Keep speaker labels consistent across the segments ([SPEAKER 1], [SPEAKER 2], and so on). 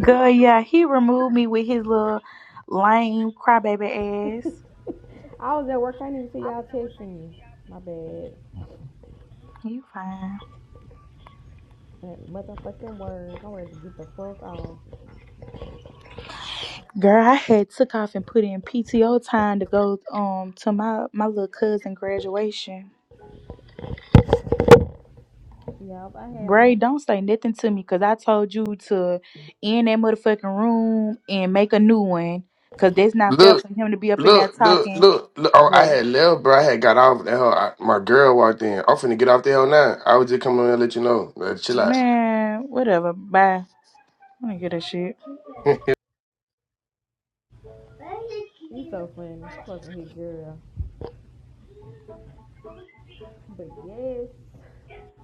[SPEAKER 1] Girl, yeah, he removed me with his little lame crybaby ass.
[SPEAKER 2] I was at work. I didn't even see y'all texting me. My bad.
[SPEAKER 1] You fine.
[SPEAKER 2] That motherfucking word. I'm ready to get the fuck off.
[SPEAKER 1] Girl, I had took off and put in PTO time to go um to my my little cousin graduation.
[SPEAKER 2] Yeah, I had
[SPEAKER 1] Bray,
[SPEAKER 2] on.
[SPEAKER 1] don't say nothing to me because I told you to end that motherfucking room and make a new one because that's not fair
[SPEAKER 3] Look,
[SPEAKER 1] for him to be up in there
[SPEAKER 3] look, look,
[SPEAKER 1] talking.
[SPEAKER 3] look, look. Oh, I
[SPEAKER 1] But
[SPEAKER 3] had left, bro. I had got off the hell. I, my girl walked in. I'm finna get off the hell now. I was just coming in and let you know. Uh, chill out.
[SPEAKER 1] man, whatever. Bye. I don't give a shit.
[SPEAKER 2] He's so funny. Fucking his girl. But yes,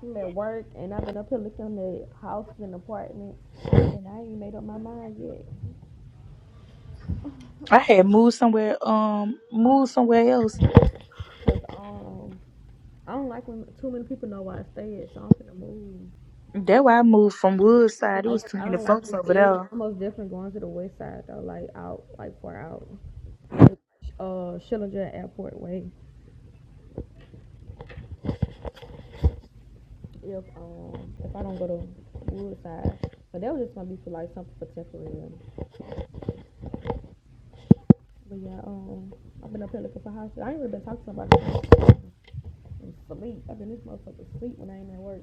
[SPEAKER 2] I'm at work and I've been up here looking at the houses and apartments and I ain't made up my mind yet.
[SPEAKER 1] I had moved somewhere, um, moved somewhere else
[SPEAKER 2] Cause um, I don't like when too many people know where I stay at, so I'm gonna move.
[SPEAKER 1] That's why I moved from Woodside. It
[SPEAKER 2] like
[SPEAKER 1] was too
[SPEAKER 2] I
[SPEAKER 1] many
[SPEAKER 2] don't like
[SPEAKER 1] folks
[SPEAKER 2] this
[SPEAKER 1] over
[SPEAKER 2] area.
[SPEAKER 1] there.
[SPEAKER 2] I'm most definitely going to the west side though, like out, like far out, like uh Schillinger Airport way. if um if I don't go to Woodside. But that was just gonna be for like something for temporary. But yeah, um I've been up here looking for houses. I ain't really been talking to nobody. Sleep. I've been this motherfucker sleep when I ain't at work.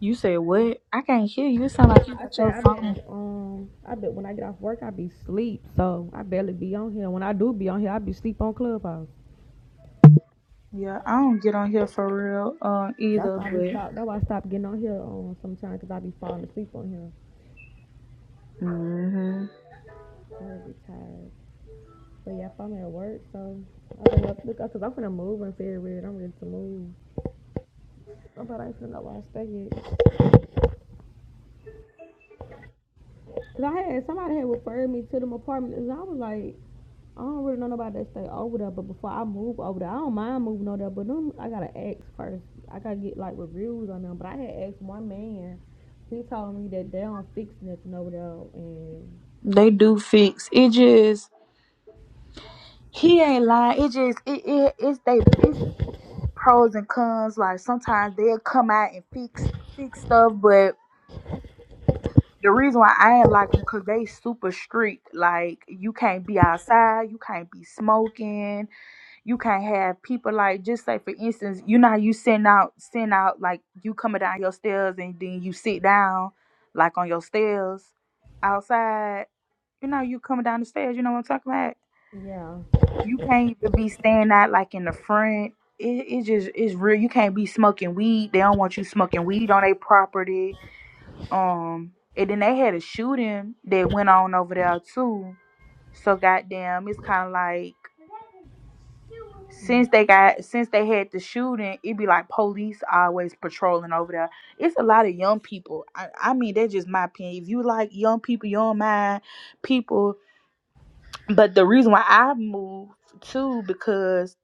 [SPEAKER 1] You said what? I can't hear you. It sound like you
[SPEAKER 2] I
[SPEAKER 1] got
[SPEAKER 2] said
[SPEAKER 1] your
[SPEAKER 2] I've
[SPEAKER 1] phone.
[SPEAKER 2] been um I bet when I get off work I be sleep. So I barely be on here. When I do be on here, I be sleep on Clubhouse.
[SPEAKER 1] Yeah, I don't get on here for real uh,
[SPEAKER 2] That's
[SPEAKER 1] either,
[SPEAKER 2] why I be
[SPEAKER 1] but
[SPEAKER 2] stopped. That's why I stopped getting on here um sometimes 'cause I be falling asleep on here.
[SPEAKER 1] hmm
[SPEAKER 2] My husband tired. But yeah, if I'm at work, so I've been up because I'm gonna move in February. I'm ready to move. But I should know why I stayed. Cause I had somebody had referred me to them apartments, and I was like, I don't really know nobody that stay over there. But before I move over there, I don't mind moving over there. But them, I gotta ask first. I gotta get like reviews on them. But I had asked one man. He told me that they don't fix nothing over there, and
[SPEAKER 1] they do fix. It just he ain't lying. It just it, it it's they it's pros and cons. Like sometimes they'll come out and fix fix stuff, but the reason why I ain't like them because they super strict. Like you can't be outside, you can't be smoking. you can't have people like just say for instance, you know how you send out send out like you coming down your stairs and then you sit down like on your stairs outside. You know you coming down the stairs, you know what I'm talking about?
[SPEAKER 2] yeah,
[SPEAKER 1] You can't even be standing out like in the front. It it just it's real. You can't be smoking weed. They don't want you smoking weed on their property. Um and then they had a shooting that went on over there too. So goddamn, it's kinda like since they got since they had the shooting, it be like police always patrolling over there. It's a lot of young people. I, I mean, that's just my opinion. If you like young people, you don't mind people. But the reason why I moved too because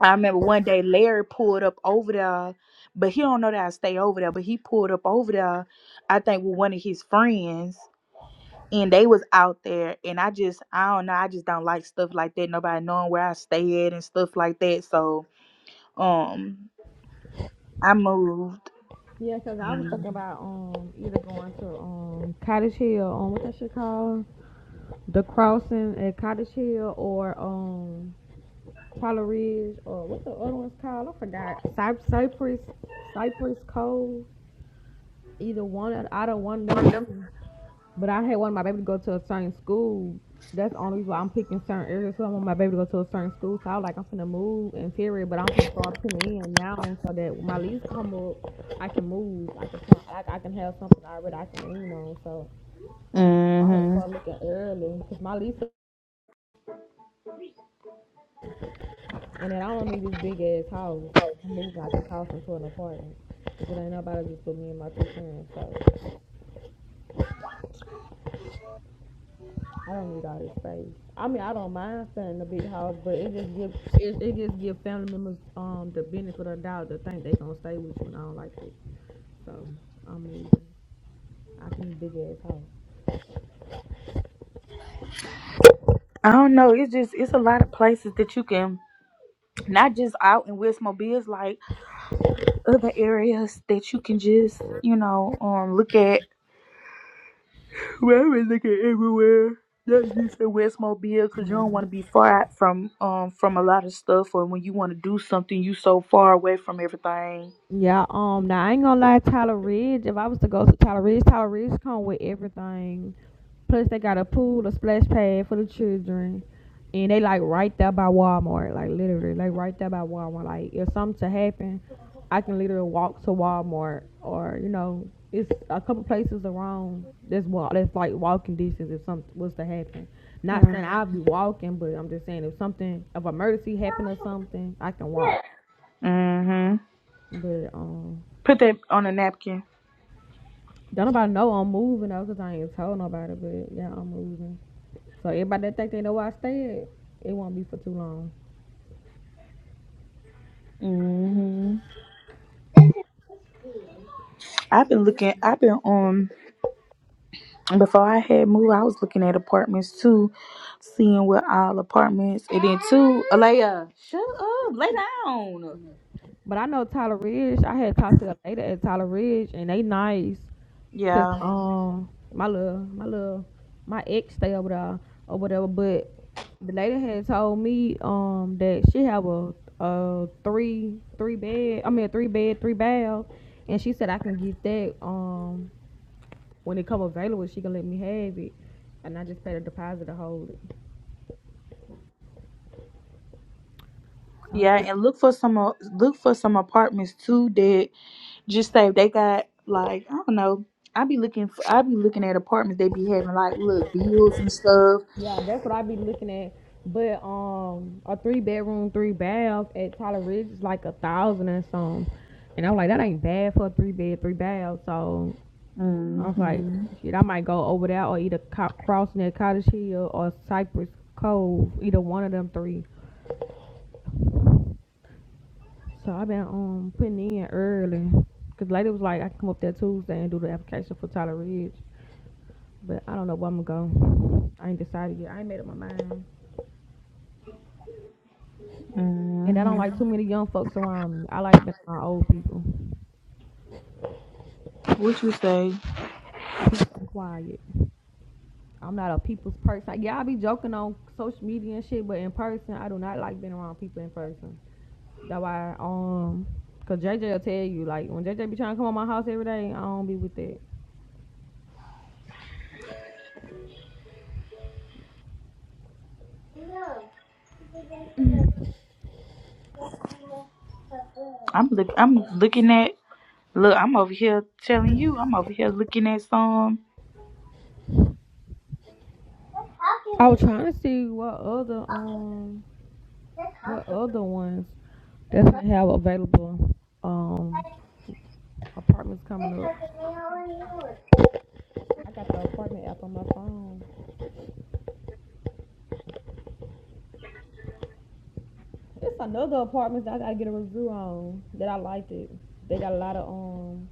[SPEAKER 1] I remember one day Larry pulled up over there, but he don't know that I stay over there. But he pulled up over there, I think with one of his friends. And they was out there, and I just I don't know. I just don't like stuff like that. Nobody knowing where I stay at and stuff like that. So um, I moved.
[SPEAKER 2] yeah. Cause I was thinking
[SPEAKER 1] And
[SPEAKER 2] about um either going to um Cottage Hill, um what that shit called, the crossing at Cottage Hill, or um Apollo Ridge, or what the other one's called? I forgot. Cy- Cypress, Cypress Cove. Either one of- out of one of them three. But I had one of my baby to go to a certain school. That's the only reason why I'm picking certain areas. So I want my baby to go to a certain school. So I was like, I'm finna move in February, but I'm finna start putting in now so that when my lease come up, I can move. I can, I, I can have something already I can lean on. So I had to
[SPEAKER 1] hmm
[SPEAKER 2] start looking early because my lease And then I don't need this big ass house. I moved out this house into an apartment. Because ain't nobody just put me and my two friends. So I don't need all this space. I mean, I don't mind staying in a big house, but it just gives it, it just give family members um the benefit of the doubt to think they gonna stay with you, and I don't like it. So I'm leaving. I can big ass house.
[SPEAKER 1] I don't know. It's just it's a lot of places that you can not just out in Westmobile. It's like other areas that you can just you know um look at. Well, we look at everywhere. Not just in Westmobile, cause you don't want to be far out from um from a lot of stuff, or when you want to do something, you so far away from everything.
[SPEAKER 2] Yeah, um, now I ain't gonna lie, Tyler Ridge. If I was to go to Tyler Ridge, Tyler Ridge come with everything. Plus, they got a pool, a splash pad for the children, and they like right there by Walmart, like literally, like right there by Walmart. Like if something to happen, I can literally walk to Walmart, or you know, it's a couple places around that's walk that's like walking distance if something was to happen. Not
[SPEAKER 1] Mm.
[SPEAKER 2] saying I'll be walking, but I'm just saying if something, if emergency happened or something, I can walk.
[SPEAKER 1] Mhm.
[SPEAKER 2] But um.
[SPEAKER 1] Put that on a napkin.
[SPEAKER 2] Don't nobody know I'm moving though, cause I ain't told nobody. But yeah, I'm moving. So everybody that think they know where I stay, it won't be for too long.
[SPEAKER 1] hmm I've been looking. I've been on. Before I had moved, I was looking at apartments too, seeing what all apartments. And then too, Alea, shut up, lay down.
[SPEAKER 2] But I know Tyler Ridge. I had talked to a lady at Tyler Ridge, and they nice. Cause
[SPEAKER 1] Yeah,
[SPEAKER 2] um, my little, my little, my ex stay over there or whatever. But the lady had told me um that she have a a three three bed. I mean a three bed three bath, and she said I can get that um When it come available, she can let me have it, and I just paid a deposit to hold it. So I'm
[SPEAKER 1] yeah,
[SPEAKER 2] like,
[SPEAKER 1] and look for some uh, look for some apartments too that just say they got like I don't know. I be looking for I be looking at apartments they be having like little deals and stuff.
[SPEAKER 2] yeah, that's what I be looking at. But um, a three bedroom, three bath at Tyler Ridge is like a thousand and some, and I'm like, that ain't bad for a three bed, three bath. So I was like,
[SPEAKER 1] Mhm.
[SPEAKER 2] shit, I might go over there or either co- crossing at Cottage Hill or Cypress Cove, either one of them three. So I've been um putting in early. Cause later was like I can come up there Tuesday and do the application for Tyler Ridge. But I don't know where I'm gonna go. I ain't decided yet. I ain't made up my mind. And I don't like too
[SPEAKER 1] Mhm.
[SPEAKER 2] many young folks around me. I like being around old people.
[SPEAKER 1] What you say?
[SPEAKER 2] Peace and quiet. I'm not a people's person. Yeah, I be joking on social media and shit, but in person, I do not like being around people in person. That's why, um, cause JJ will tell you, like, when JJ be trying to come on my house every day, I don't be with that.
[SPEAKER 1] I'm look I'm looking at look I'm over here telling you I'm over here looking at some.
[SPEAKER 2] I was trying to see what other, um, what other ones definitely have available, um, apartments coming up. I got the apartment app on my phone. It's another apartment that I gotta get a review on that I liked it. They got a lot of um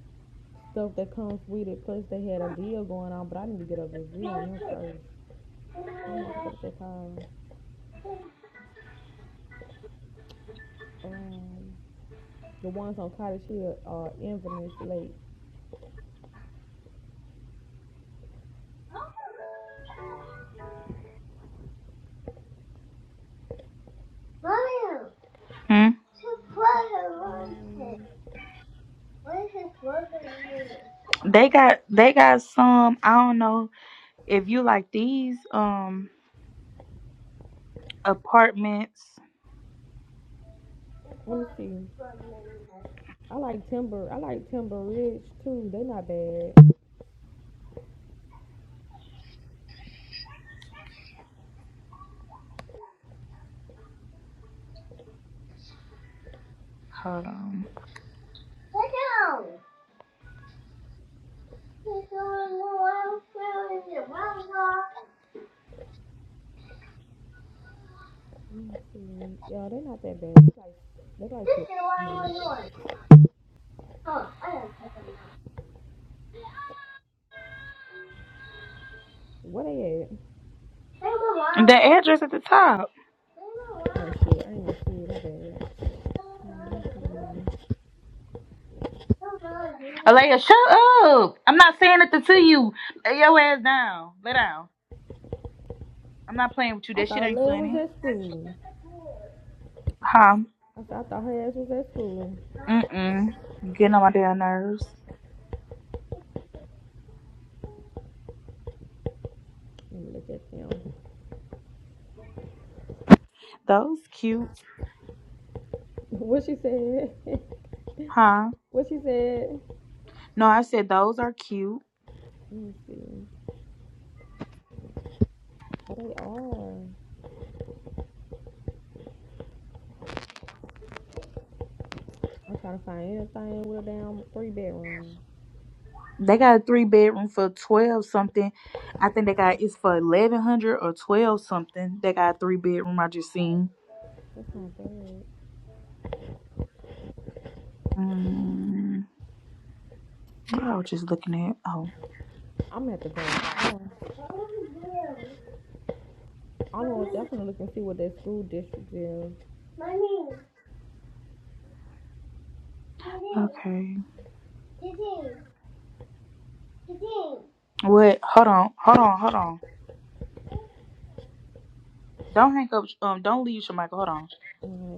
[SPEAKER 2] stuff that comes with it. Plus they had a deal going on, but I need to get a review on them first. Damn, I forgot what they called. Um, the ones on Cottage Hill are Inverness Lake.
[SPEAKER 1] hmm?
[SPEAKER 2] Mm,
[SPEAKER 1] They got they got some. I don't know if you like these um apartments.
[SPEAKER 2] let me see. I like Timber. I like Timber Ridge too. They not bad.
[SPEAKER 1] Hold on.
[SPEAKER 2] Mm, yeah, they not that bad. They like they like it. Mm. Where they
[SPEAKER 1] The address at the top.
[SPEAKER 2] at? Oh shit, I ain't gonna see it. My bad. Mm, mm.
[SPEAKER 1] Alea, shut up! I'm not saying nothing to you. Lay your ass down. Lay down. I'm not playing with you.
[SPEAKER 2] I
[SPEAKER 1] That shit
[SPEAKER 2] thought
[SPEAKER 1] ain't
[SPEAKER 2] Leah was
[SPEAKER 1] funny.
[SPEAKER 2] at school.
[SPEAKER 1] Huh?
[SPEAKER 2] I thought, I thought her ass was at school.
[SPEAKER 1] Mm-mm. Getting on my damn nerves.
[SPEAKER 2] Let me look at them.
[SPEAKER 1] Those cute.
[SPEAKER 2] what she said?
[SPEAKER 1] Huh?
[SPEAKER 2] what she said?
[SPEAKER 1] No, I said those are cute.
[SPEAKER 2] Let me see. Oh, they are. I'm trying to find anything with a damn three bedroom.
[SPEAKER 1] They got a three bedroom for twelve something. I think they got it's for eleven hundred or twelve something. They got a three bedroom. I just seen.
[SPEAKER 2] That's not bad.
[SPEAKER 1] Mm, what I was just looking at. Oh,
[SPEAKER 2] I'm gonna have to go out there. I'm gonna definitely look and see what that school district is.
[SPEAKER 1] okay. What? Hold on. Hold on. Hold on. Don't hang up. Um, don't leave, Michael. Hold on.
[SPEAKER 2] Um,